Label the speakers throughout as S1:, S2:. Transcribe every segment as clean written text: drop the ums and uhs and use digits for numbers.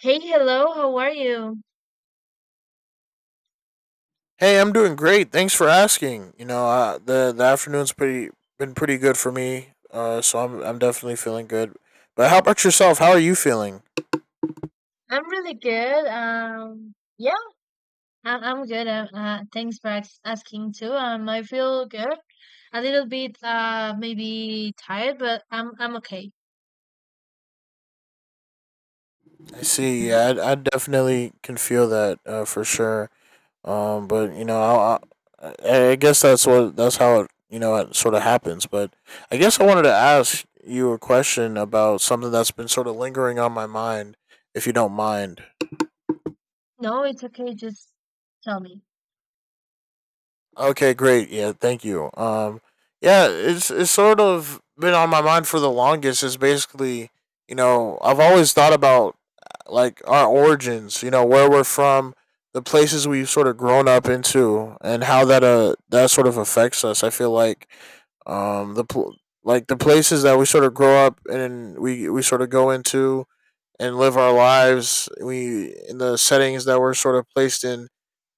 S1: Hey, hello. How are you?
S2: Hey, I'm doing great. Thanks for asking. The afternoon's pretty been pretty good for me. So I'm definitely feeling good. But how about yourself? How are you feeling?
S1: I'm really good. Yeah, I'm good. Thanks for asking too. I feel good. A little bit maybe tired, but I'm okay.
S2: I see. Yeah, I definitely can feel that for sure. But I guess that's what that's how it it sort of happens. But I guess I wanted to ask you a question about something that's been sort of lingering on my mind, if you don't mind.
S1: No, it's okay. Just tell me.
S2: Okay, great. Yeah, thank you. Yeah, it's sort of been on my mind for the longest. Is basically, you know, I've always thought about like our origins. You know, where we're from, the places we've sort of grown up into, and how that that sort of affects us. I feel like, um, the pl- like the places that we sort of grow up and we sort of go into and live our lives. We in the settings that we're sort of placed in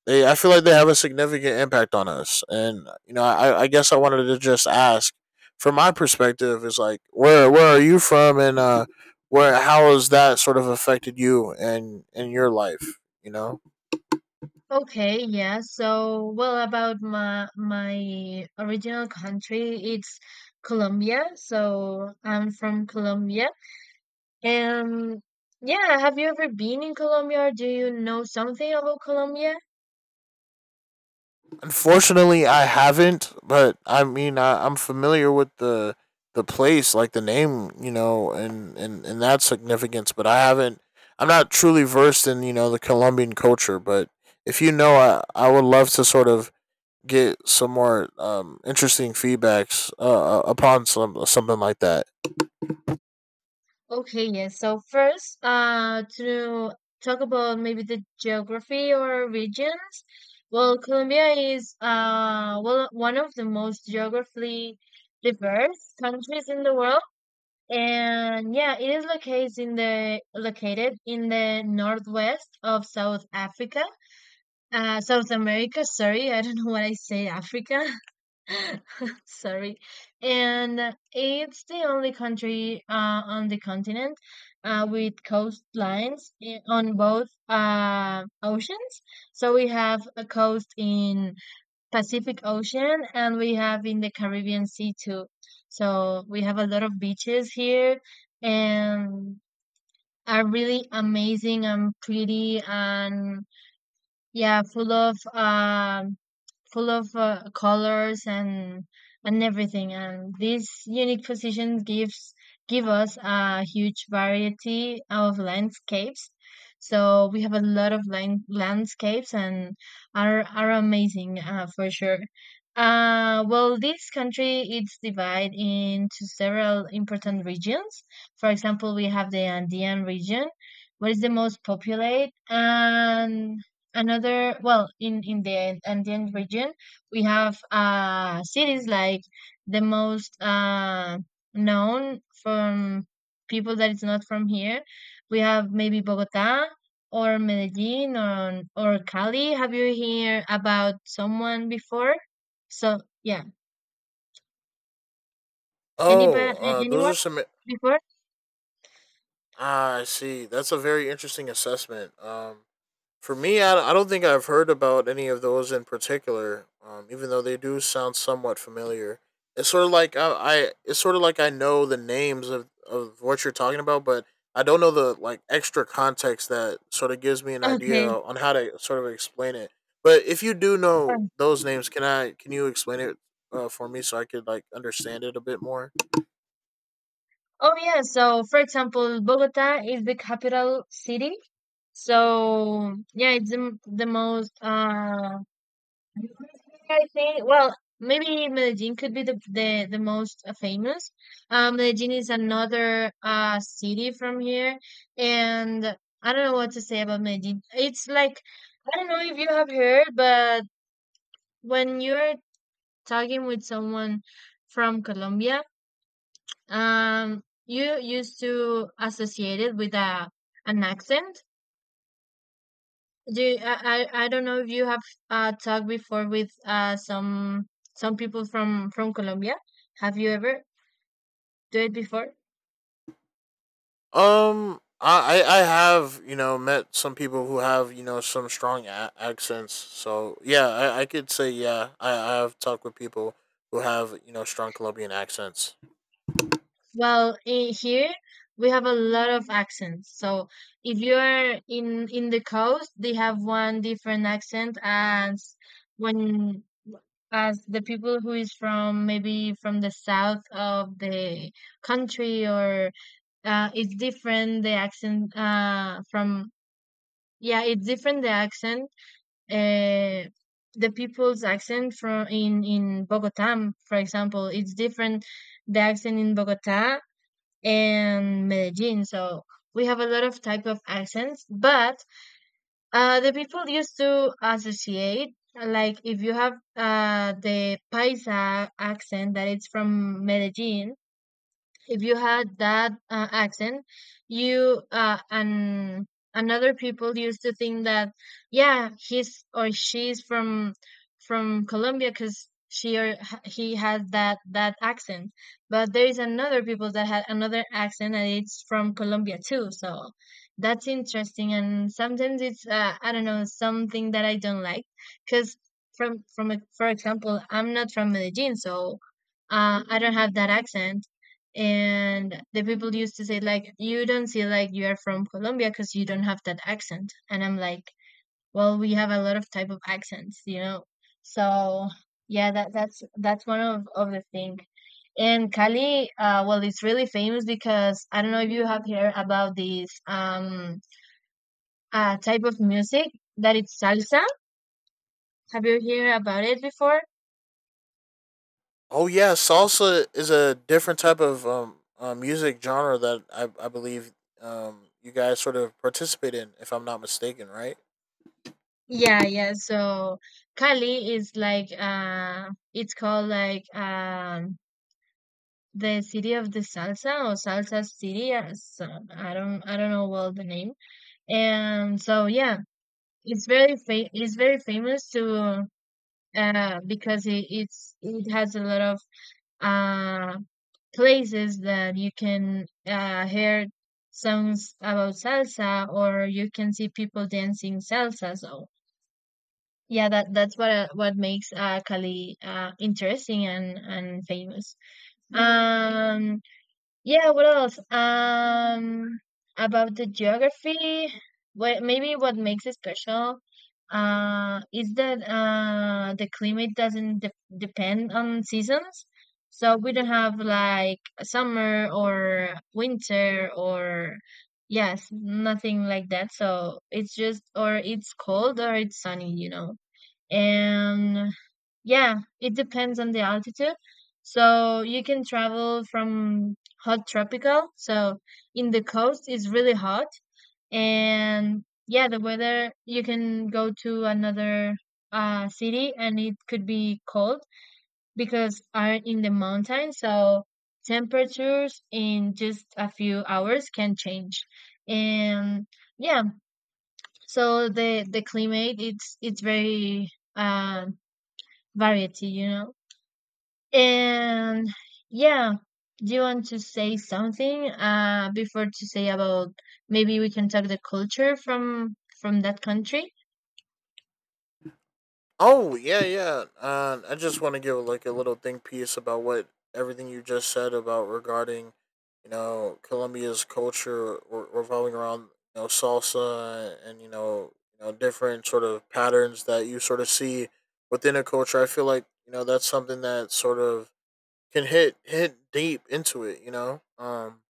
S2: they I feel like they have a significant impact on us. And I guess I wanted to just ask from my perspective is like where are you from and where how has that sort of affected you and in your life, you know?
S1: Okay, yeah. So, well, about my original country, it's Colombia. So, I'm from Colombia. And yeah, have you ever been in Colombia or do you know something about Colombia?
S2: Unfortunately I haven't, but I mean I'm familiar with the place, like the name, you know, and that significance, but I haven't I'm not truly versed in, you know, the Colombian culture, but if I would love to sort of get some more interesting feedbacks upon something like that.
S1: Okay, yes. So first, to talk about maybe the geography or regions. Well, Colombia is well one of the most geographically diverse countries in the world, and yeah, it is located in the northwest of South Africa, South America. Sorry, I don't know what I say, Africa. Sorry. And it's the only country on the continent with coastlines on both oceans. So we have a coast in Pacific Ocean and we have in the Caribbean Sea too. So we have a lot of beaches here and are really amazing and pretty and yeah, full of colors and everything. And this unique position give us a huge variety of landscapes. So we have a lot of landscapes and are amazing for sure. Well, this country it's divided into several important regions. For example, we have the Andean region, where is the most populated. And another, well, in the Andean region we have cities like the most known from people that is not from here. We have maybe Bogota or Medellin or Cali. Have you heard about someone before? So yeah,
S2: Oh,
S1: anybody,
S2: those
S1: anyone
S2: are some.
S1: before?
S2: Ah, I see. That's a very interesting assessment. For me, I don't think I've heard about any of those in particular. Even though they do sound somewhat familiar, it's sort of like I it's sort of like I know the names of what you're talking about, but I don't know the like extra context that sort of gives me an idea
S1: Okay.
S2: on how to sort of explain it. But if you do know those names, can you explain it for me so I could like understand it a bit more?
S1: Oh yeah, so for example, Bogota is the capital city. So yeah, it's the, the most uh, I think, well, maybe Medellin could be the most famous. Medellin is another city from here, and I don't know what to say about Medellin. It's like, I don't know if you have heard, but when you're talking with someone from Colombia, you used to associate it with a an accent. Do you, I don't know if you have talked before with some people from Colombia. Have you ever do it before?
S2: I have met some people who have some strong accents. So yeah, I could say yeah. I have talked with people who have strong Colombian accents.
S1: Well, in here we have a lot of accents. So if you are in the coast, they have one different accent as when, as the people who is from maybe from the south of the country. Or it's different the accent from, yeah, it's different the accent, uh, the people's accent from in Bogota. For example, it's different the accent in Bogota and Medellin. So we have a lot of type of accents. But the people used to associate like if you have the paisa accent that it's from Medellin, if you had that accent you and another people used to think that yeah, he's or she's from Colombia because she or he has that accent. But there is another people that had another accent and it's from Colombia too. So that's interesting. And sometimes it's I don't know, something that I don't like. Because from for example, I'm not from Medellin, so I don't have that accent. And the people used to say like you don't see like you are from Colombia because you don't have that accent. And I'm like, well, we have a lot of type of accents, you know. So yeah, that's one of the thing. And Cali well it's really famous because I don't know if you have heard about this type of music that it's salsa. Have you heard about it before?
S2: Oh yeah, salsa is a different type of music genre that I believe you guys sort of participate in, if I'm not mistaken, right?
S1: Yeah, yeah. So Cali is like uh, it's called like um, the city of the salsa or salsa city as uh. So I don't know well the name. And so yeah, it's very it's very famous to uh, because it's it has a lot of uh, places that you can hear songs about salsa, or you can see people dancing salsa. So yeah, that that's what makes uh, Cali uh, interesting and famous. Um, yeah, what else? About the geography, what maybe what makes it special, is that the climate doesn't de depend on seasons. So we don't have like summer or winter or yes, nothing like that. So it's just or it's cold or it's sunny, you know. And yeah, it depends on the altitude. So you can travel from hot tropical. So in the coast it's really hot. And yeah, the weather, you can go to another city and it could be cold because are in the mountains. So temperatures in just a few hours can change. And yeah, so the climate it's very uh variety, you know. And yeah, do you want to say something before to say about, maybe we can talk the culture from that country?
S2: Oh yeah, yeah. I just want to give like a little think piece about what everything you just said about regarding, you know, Colombia's culture revolving around salsa and you know different sort of patterns that you sort of see within a culture. I feel like you know that's something that sort of can hit deep into it. You know,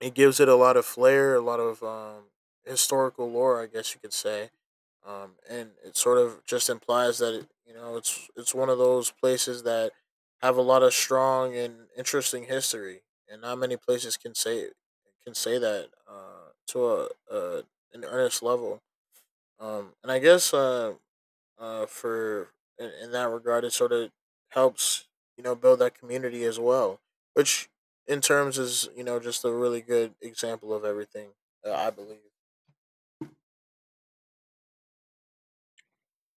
S2: it gives it a lot of flair, a lot of historical lore, I guess you could say, and it sort of just implies that it, it's one of those places that have a lot of strong and interesting history, and not many places can say that to a an earnest level. And I guess for in that regard, it sort of helps you know build that community as well, which in terms is you know just a really good example of everything I believe.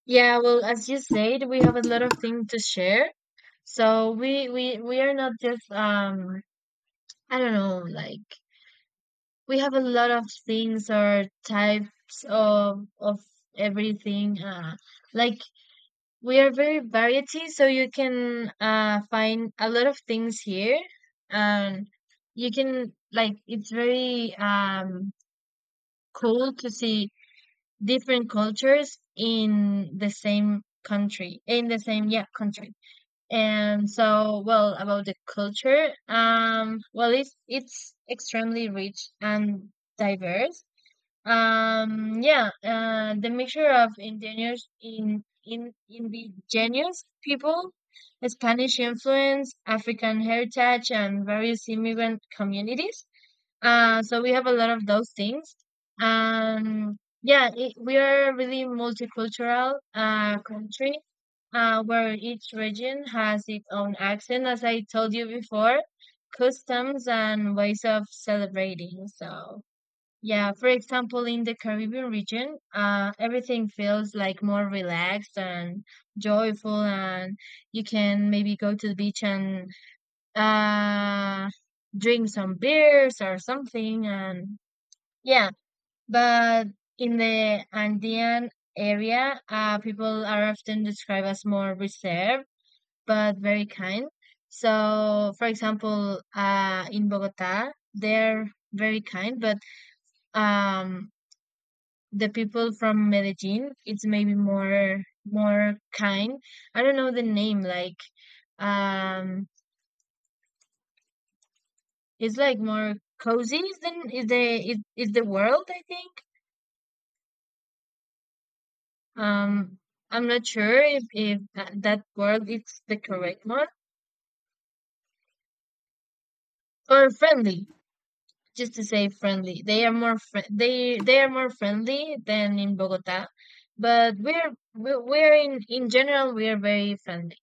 S1: Yeah, well, as you said, we have a lot of things to share. So we are not just um, I don't know, like, we have a lot of things or types of everything uh, like, we are very variety. So you can find a lot of things here. And you can like it's very cool to see different cultures in the same country, in the same, yeah, country. And so, well, about the culture, well, it's extremely rich and diverse. Um, yeah, the mixture of indigenous in indigenous people, Spanish influence, African heritage, and various immigrant communities. So we have a lot of those things. Um, yeah, it, we are a really multicultural country where each region has its own accent, as I told you before, customs and ways of celebrating. So. Yeah, for example, in the Caribbean region, everything feels like more relaxed and joyful. And you can maybe go to the beach and uh, drink some beers or something. And yeah, but in the Andean area, people are often described as more reserved but very kind. So, for example, in Bogota, they're very kind. But um, the people from Medellin, it's maybe more kind. I don't know the name. Like um, it's like more cozy. Is the is the is the world? I think. Um, I'm not sure if that word is the correct one, or friendly. Just to say friendly, they are more they are more friendly than in Bogota. But we're we we're in general we are very friendly.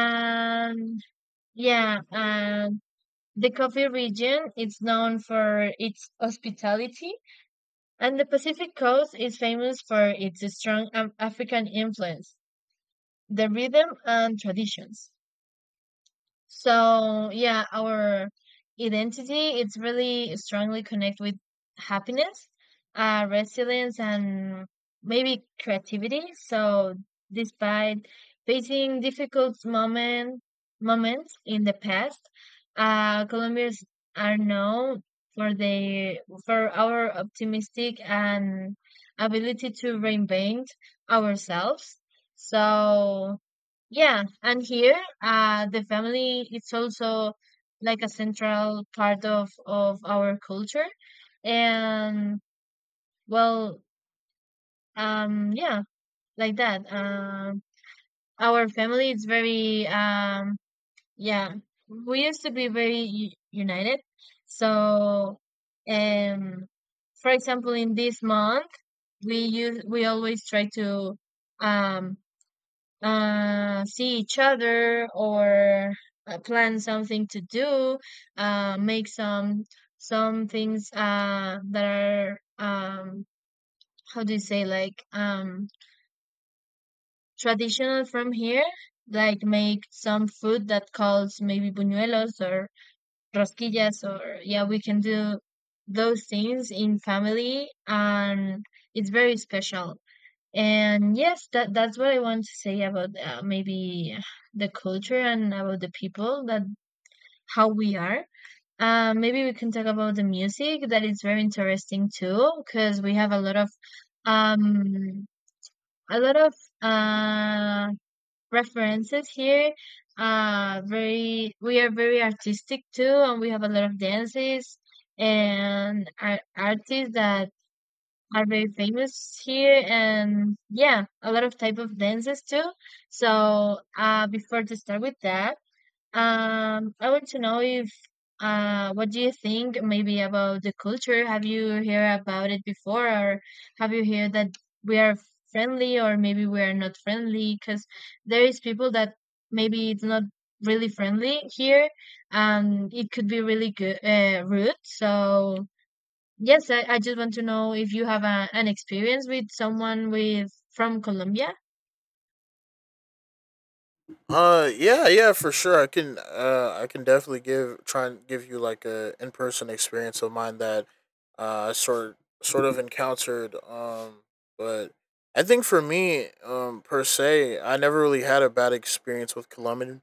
S1: Um, yeah. Um, the Coffee region is known for its hospitality, and the Pacific Coast is famous for its strong African influence, the rhythm and traditions. So yeah, our identity it's really strongly connected with happiness, resilience, and maybe creativity. So despite facing difficult moment moments in the past, Colombians are known for the for our optimistic and ability to reinvent ourselves. So yeah, and here, the family is also like a central part of our culture. And well, yeah, like that. Our family is very, yeah, we used to be very u united. So, um, for example, in this month, we always try to, um, see each other or plan something to do, make some things that are how do you say like traditional from here, like make some food that calls maybe buñuelos or rosquillas or yeah, we can do those things in family and it's very special. And yes, that that's what I want to say about maybe the culture and about the people that how we are. Maybe we can talk about the music that is very interesting too, because we have um a lot of uh references here. Very we are very artistic too, and we have a lot of dances and artists that are very famous here. And yeah, a lot of type of dances too. So before to start with that, um, I want to know if uh, what do you think maybe about the culture? Have you heard about it before? Or have you heard that we are friendly, or maybe we are not friendly, because there is people that maybe it's not really friendly here, and it could be really good rude. So yes, I just want to know if you have a, an experience with someone with from Colombia.
S2: Yeah, yeah, for sure. I can definitely give try and give you like a in person experience of mine that I sort sort of encountered. But I think for me, per se, I never really had a bad experience with Columbus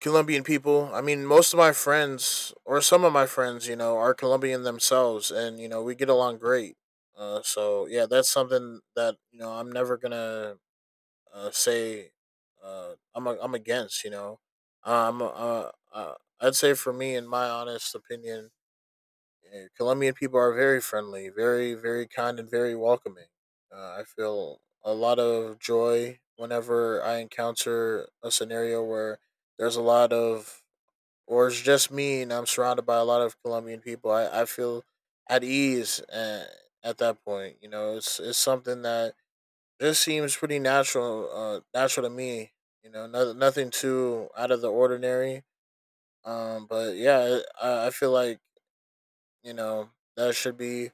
S2: Colombian people. I mean, most of my friends, or some of my friends, you know, are Colombian themselves, and you know, we get along great. So yeah, that's something that you know I'm never gonna say I'm against. You know, um, uh, uh, I'd say for me, in my honest opinion, Colombian people are very friendly, very kind, and very welcoming. I feel a lot of joy whenever I encounter a scenario where there's a lot of or it's just me and I'm surrounded by a lot of Colombian people, I feel at ease at that point. You know, it's something that just seems pretty natural, natural to me. You know, no, nothing too out of the ordinary. But yeah, I feel like you know that should be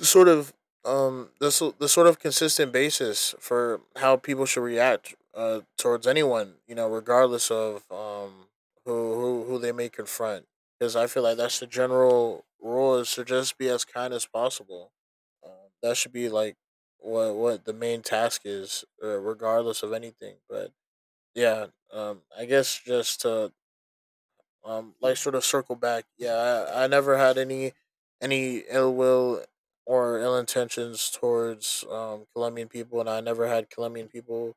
S2: sort of the sort of consistent basis for how people should react towards anyone you know regardless of who they may confront because I feel like that's the general rule is to just be as kind as possible. That should be like what the main task is, regardless of anything. But yeah, I guess just to like sort of circle back yeah, I never had any ill will or ill intentions towards colombian people and I never had colombian people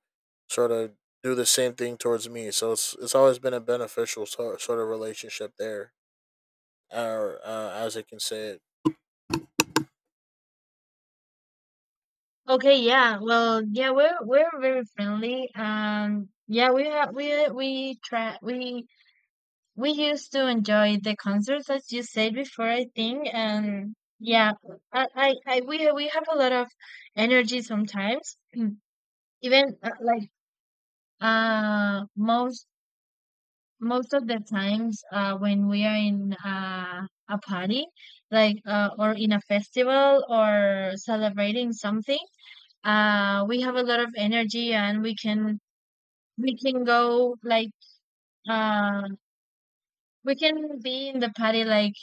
S2: sort of do the same thing towards me, so it's always been a beneficial sort of relationship there or as I can say it.
S1: Okay, yeah. Well, yeah, we're very friendly. Yeah, we have we try we used to enjoy the concerts as you said before, I think. And yeah, I we have a lot of energy sometimes. Even like uh most most of the times when we are in a party like or in a festival or celebrating something, we have a lot of energy and we can go like uh, we can be in the party like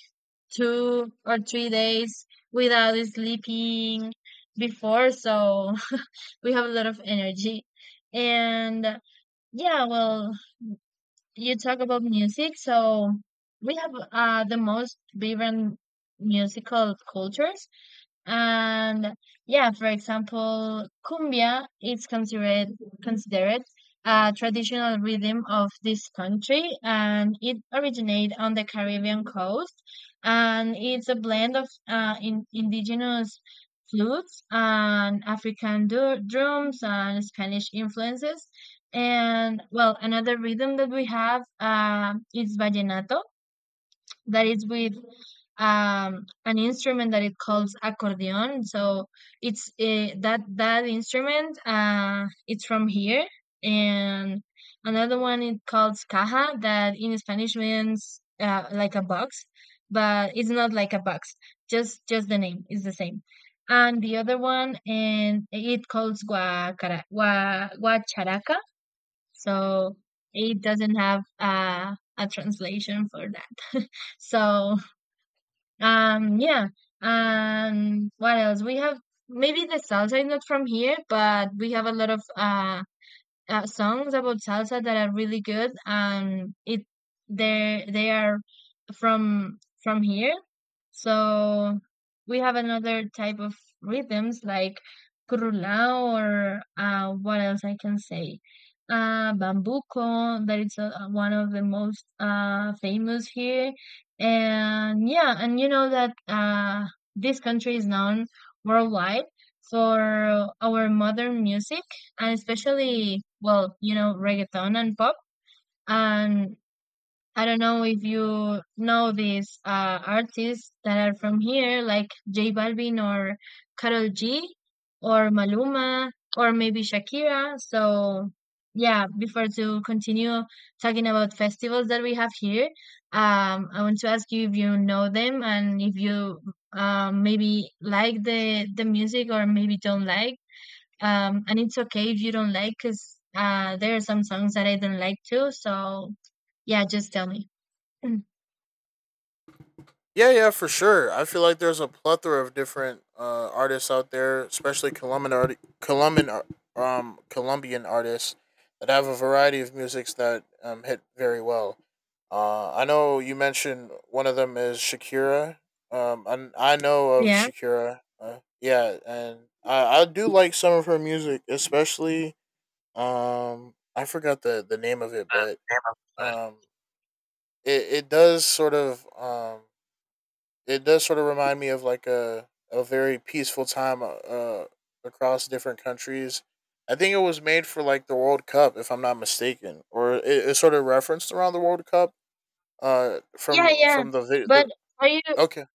S1: 2 or 3 days without sleeping before, so we have a lot of energy. And yeah, well, you talk about music, so we have the most vibrant musical cultures. And yeah, for example, cumbia is considered a traditional rhythm of this country, and it originated on the Caribbean coast, and it's a blend of indigenous flutes and African drums and Spanish influences. And well, another rhythm that we have is vallenato, that is with an instrument that it calls accordion, so it's that instrument, it's from here. And another one it calls caja, that in Spanish means like a box, but it's not like a box, just the name is the same. And the other one, and it calls guacharaca, so it doesn't have a translation for that. So yeah. What else? We have, maybe the salsa is not from here, but we have a lot of songs about salsa that are really good, and it, they are from here. So we have another type of rhythms like curulao, or what else I can say, bambuco, that is one of the most famous here. And yeah, and you know that this country is known worldwide for our modern music, and especially, well, you know, reggaeton and pop. And I don't know if you know these artists that are from here, like J Balvin, or Karol G, or Maluma, or maybe Shakira. So, yeah, before to continue talking about festivals that we have here, I want to ask you if you know them, and if you maybe like the music or maybe don't like. And it's okay if you don't like, because there are some songs that I don't like too, so yeah, just tell me. Mm.
S2: Yeah, yeah, for sure. I feel like there's a plethora of different artists out there, especially Colombian artists that have a variety of musics that hit very well. I know you mentioned one of them is Shakira. And I know of
S1: Yeah.
S2: Shakira. Yeah, and I do like some of her music, especially I forgot the name of it,
S1: Uh,
S2: but um it does sort of it does sort of remind me of like a very peaceful time across different countries. I think it was made for like the World Cup, if I'm not mistaken, or it sort of referenced around the World Cup.
S1: yeah, yeah, yeah,
S2: From
S1: but
S2: the
S1: are you,
S2: okay.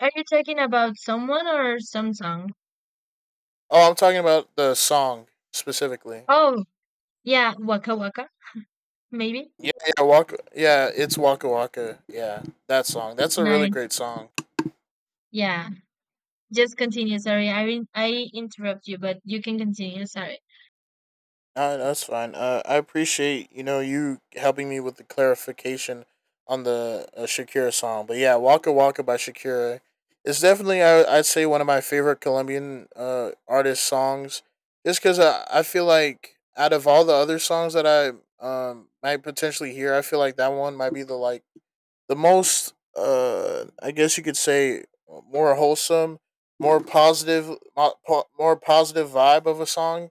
S1: are you talking about someone or some song?
S2: Oh, I'm talking about the song specifically.
S1: Oh, yeah, Waka Waka maybe.
S2: Yeah, yeah, Waka. Yeah, it's Waka Waka. Yeah, that song. That's a really
S1: Nice.
S2: great song.
S1: Yeah, just continue, sorry, I interrupt you, but you can continue, sorry.
S2: That's fine. I appreciate you know you helping me with the clarification on the Shakira song, but yeah, "Waka Waka" by Shakira is definitely I'd say one of my favorite Colombian artist songs, just because I feel like out of all the other songs that I might potentially hear, I feel like that one might be the like the most I guess you could say more wholesome, more positive, more positive vibe of a song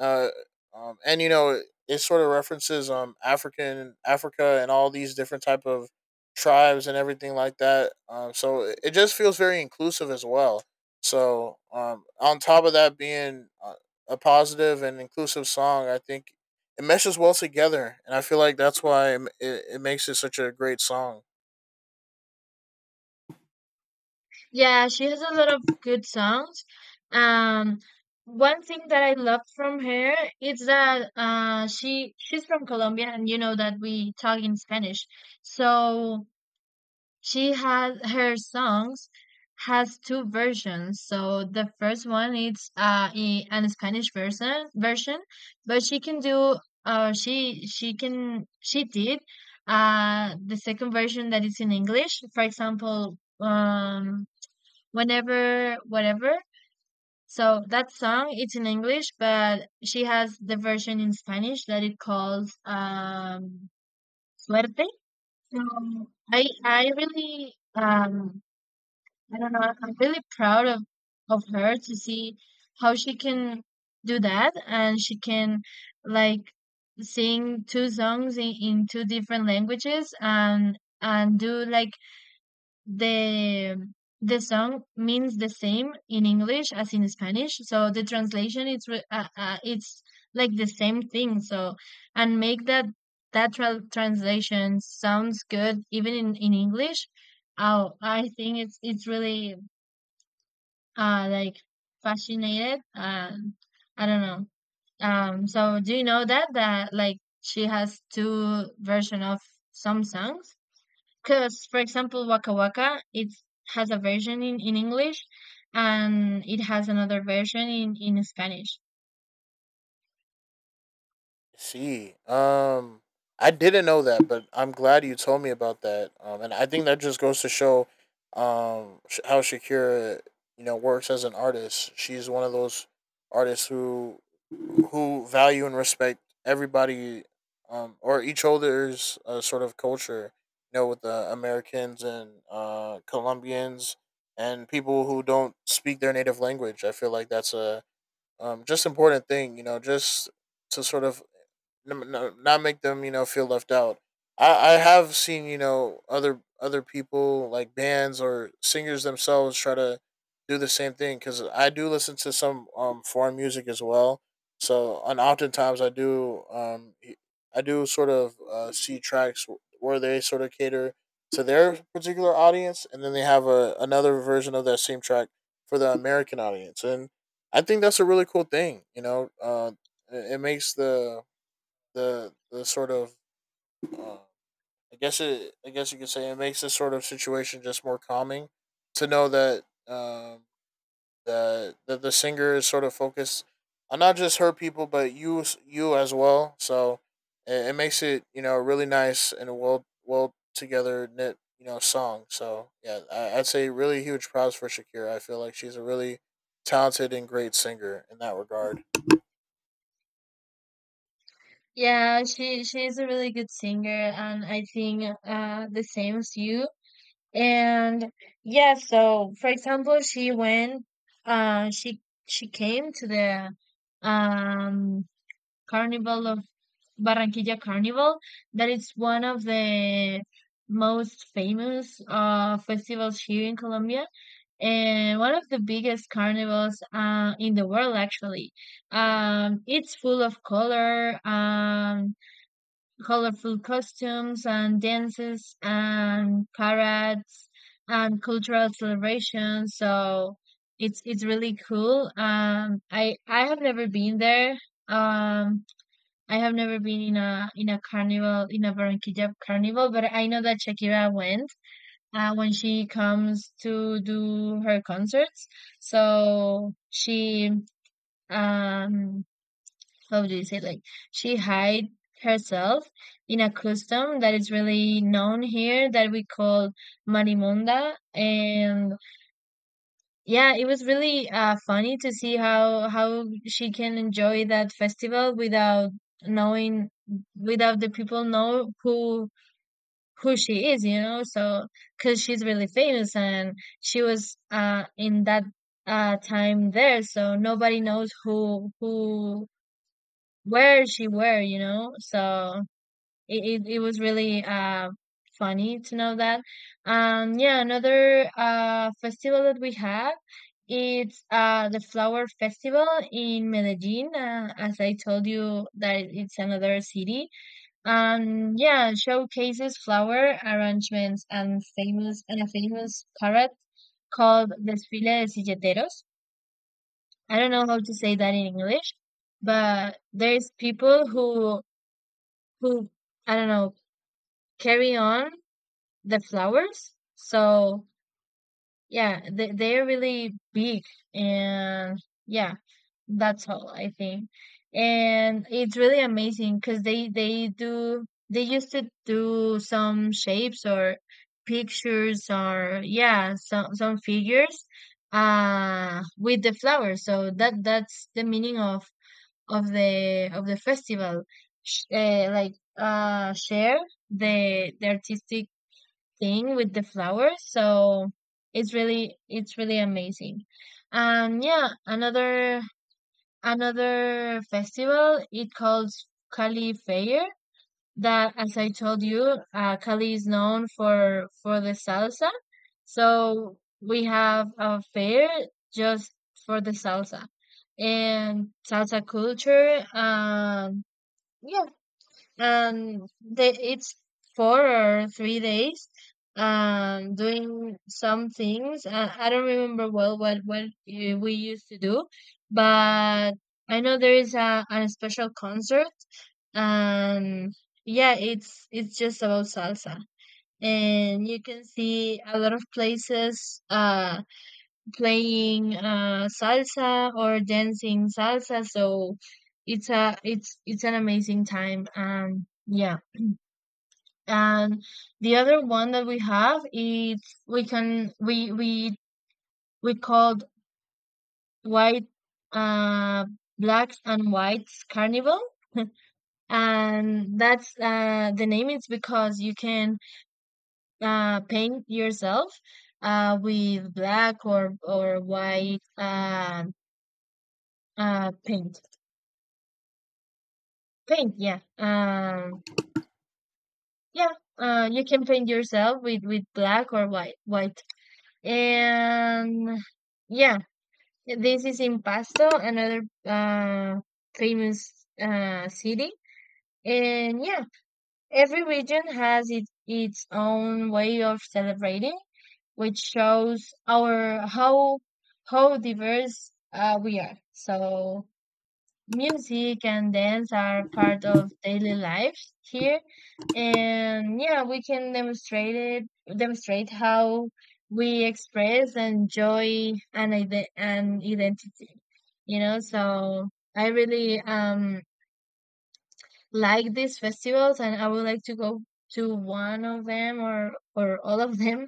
S2: uh, and you know it sort of references Africa and all these different type of tribes and everything like that. So it just feels very inclusive as well. So on top of that being a positive and inclusive song, I think it meshes well together, and I feel like that's why it makes it such a great song.
S1: Yeah, she has a lot of good songs. Um, one thing that I love from her is that she, she's from Colombia, and you know that we talk in Spanish. So she has her songs, has two versions. So the first one is in an Spanish version, but she can do she did the second version, that is in English. For example, whenever whatever, so that song, it's in English, but she has the version in Spanish that it calls suerte. So I really, I don't know, I'm really proud of her, to see how she can do that, and she can like sing two songs in two different languages, and do like the the song means the same in English as in Spanish, so the translation it's it's like the same thing. So and make that translation sounds good even in English. Oh, I think it's really like fascinated. I don't know. So do you know that that like she has two version of some songs? Because, for example, Waka Waka, it has a version in English, and it has another version in Spanish.
S2: See, I didn't know that, but I'm glad you told me about that. And I think that just goes to show, how Shakira, you know, works as an artist. She's one of those artists who, who value and respect everybody, or each other's sort of culture. You know, with the Americans and Colombians and people who don't speak their native language. I feel like that's a just important thing. You know, just to sort of not make them you know feel left out. I have seen you know other people like bands or singers themselves try to do the same thing because I do listen to some foreign music as well. So and oftentimes I do I do sort of see tracks where they sort of cater to their particular audience, and then they have a another version of that same track for the American audience, and I think that's a really cool thing. You know, it it makes the sort of uh, I guess you could say it makes this sort of situation just more calming to know that that the singer is sort of focused on not just her people but you as well. So it makes it you know really nice and a well together knit you know song. So yeah, I'd say really huge props for Shakira. I feel like she's a really talented and great singer in that regard.
S1: Yeah, she, she's a really good singer, and I think the same as you. And yeah, so for example, uh, she she came to the um Carnival of Barranquilla Carnival, that is one of the most famous festivals here in Colombia, and one of the biggest carnivals in the world, actually. Um, it's full of color, colorful costumes and dances and parades and cultural celebrations, so it's really cool. I have never been there. um, I have never been in a, in a carnival, in a Barranquilla carnival, but I know that Shakira went when she comes to do her concerts. So she, um how do you say, like, she hide herself in a custom that is really known here, that we call marimonda. And yeah, it was really funny to see how she can enjoy that festival without knowing, without the people know who she is, you know. So because she's really famous, and she was in that time there, so nobody knows who, where she were, you know. So it was really funny to know that. Yeah, another festival that we had, it's the Flower Festival in Medellin. As I told you, that it's another city. Yeah, showcases flower arrangements and famous, and a famous parade called Desfile de Silleteros. I don't know how to say that in English, but there's people who, I don't know, carry on the flowers. So yeah, they, they're really big, and yeah, that's all I think. And it's really amazing because they do, they used to do some shapes, or pictures, or yeah, some figures with the flowers. So that, that's the meaning of the, of the festival. Like share the artistic thing with the flowers. So it's really, it's really amazing. And yeah, another, another festival, it calls Cali Fair, that, as I told you, Cali is known for the salsa. So we have a fair just for the salsa and salsa culture. Yeah, and they, it's 4 or 3 days doing some things, I don't remember well what we used to do, but I know there is a special concert, and yeah, it's just about salsa, and you can see a lot of places playing salsa or dancing salsa, so it's a, it's, it's an amazing time. Um, yeah. And the other one that we have is, we we called white, uh blacks and whites carnival. And that's the name is because you can paint yourself with black or white paint. Paint, yeah. Yeah, you can paint yourself with black or white, white. And yeah, this is in Pasto, another famous city. And yeah, every region has its own way of celebrating, which shows our how diverse we are. So music and dance are part of daily life here, and yeah, we can demonstrate how we express and joy and and identity, you know. So I really, like these festivals, and I would like to go to one of them, or all of them,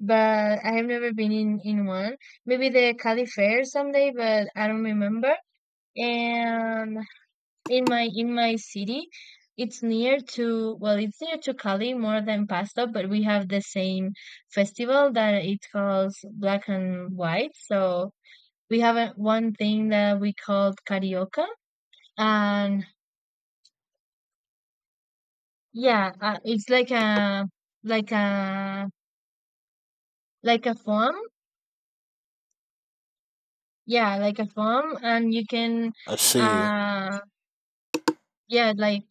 S1: but I have never been in one. Maybe the Cali Fair someday, but I don't remember. And in my city, it's near to, well, it's near to Cali more than Pasto, but we have the same festival that it calls black and white. So we have a, one thing that we called carioca. And yeah, it's like a, like a, like a form, yeah, like a form, and you can
S2: I see.
S1: uh yeah, like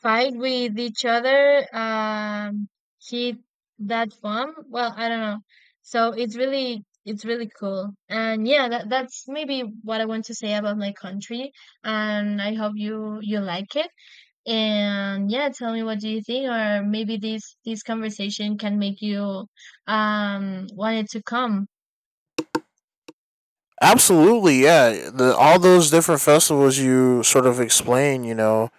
S1: fight with each other, hit that bomb. Well, I don't know. So it's really, it's really cool. And yeah, that, that's maybe what I want to say about my country, and I hope you, you like it. And yeah, tell me what do you think, or maybe this, this conversation can make you wanted to come.
S2: Absolutely, yeah. All those different festivals you sort of explain, you know,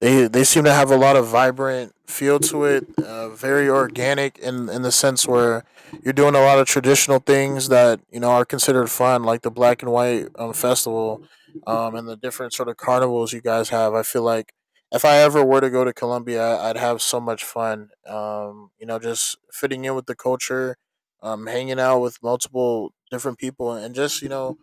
S2: they seem to have a lot of vibrant feel to it, very organic in the sense where you're doing a lot of traditional things that you know are considered fun, like the black and white festival, and the different sort of carnivals you guys have. I feel like if I ever were to go to Colombia, I'd have so much fun. You know, just fitting in with the culture, hanging out with multiple different people, and just you know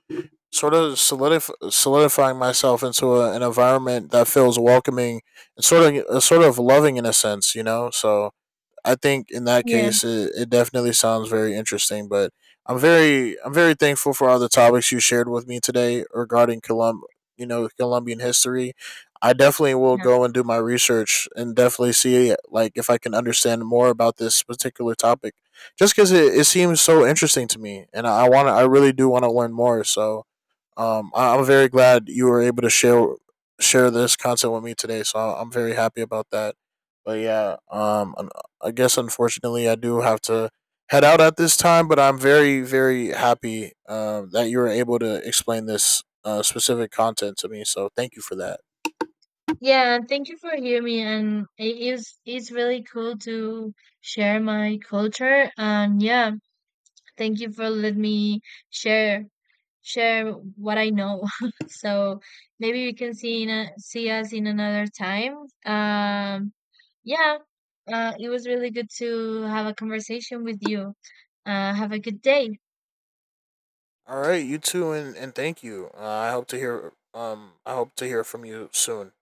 S2: sort of solidifying myself into an environment that feels welcoming and sort of loving in a sense, you know. So I think in that
S1: Yeah,
S2: case, it definitely sounds very interesting. But I'm very thankful for all the topics you shared with me today regarding you know Colombian history. I definitely will
S1: yeah,
S2: go and do my research and definitely see like if I can understand more about this particular topic, just because it seems so interesting to me, and I really do want to learn more. So I'm very glad you were able to share this content with me today. So I'm very happy about that. But yeah, I guess unfortunately I do have to head out at this time. But I'm very very happy that you were able to explain this specific content to me. So thank you for that.
S1: yeah, thank you for hearing me, and it is, it's really cool to share my culture. And yeah, thank you for letting me share, share what I know. So maybe you can see in a, see us in another time. Um, yeah, it was really good to have a conversation with you. Have a good day.
S2: All right, you too, and thank you. I hope to hear I hope to hear from you soon.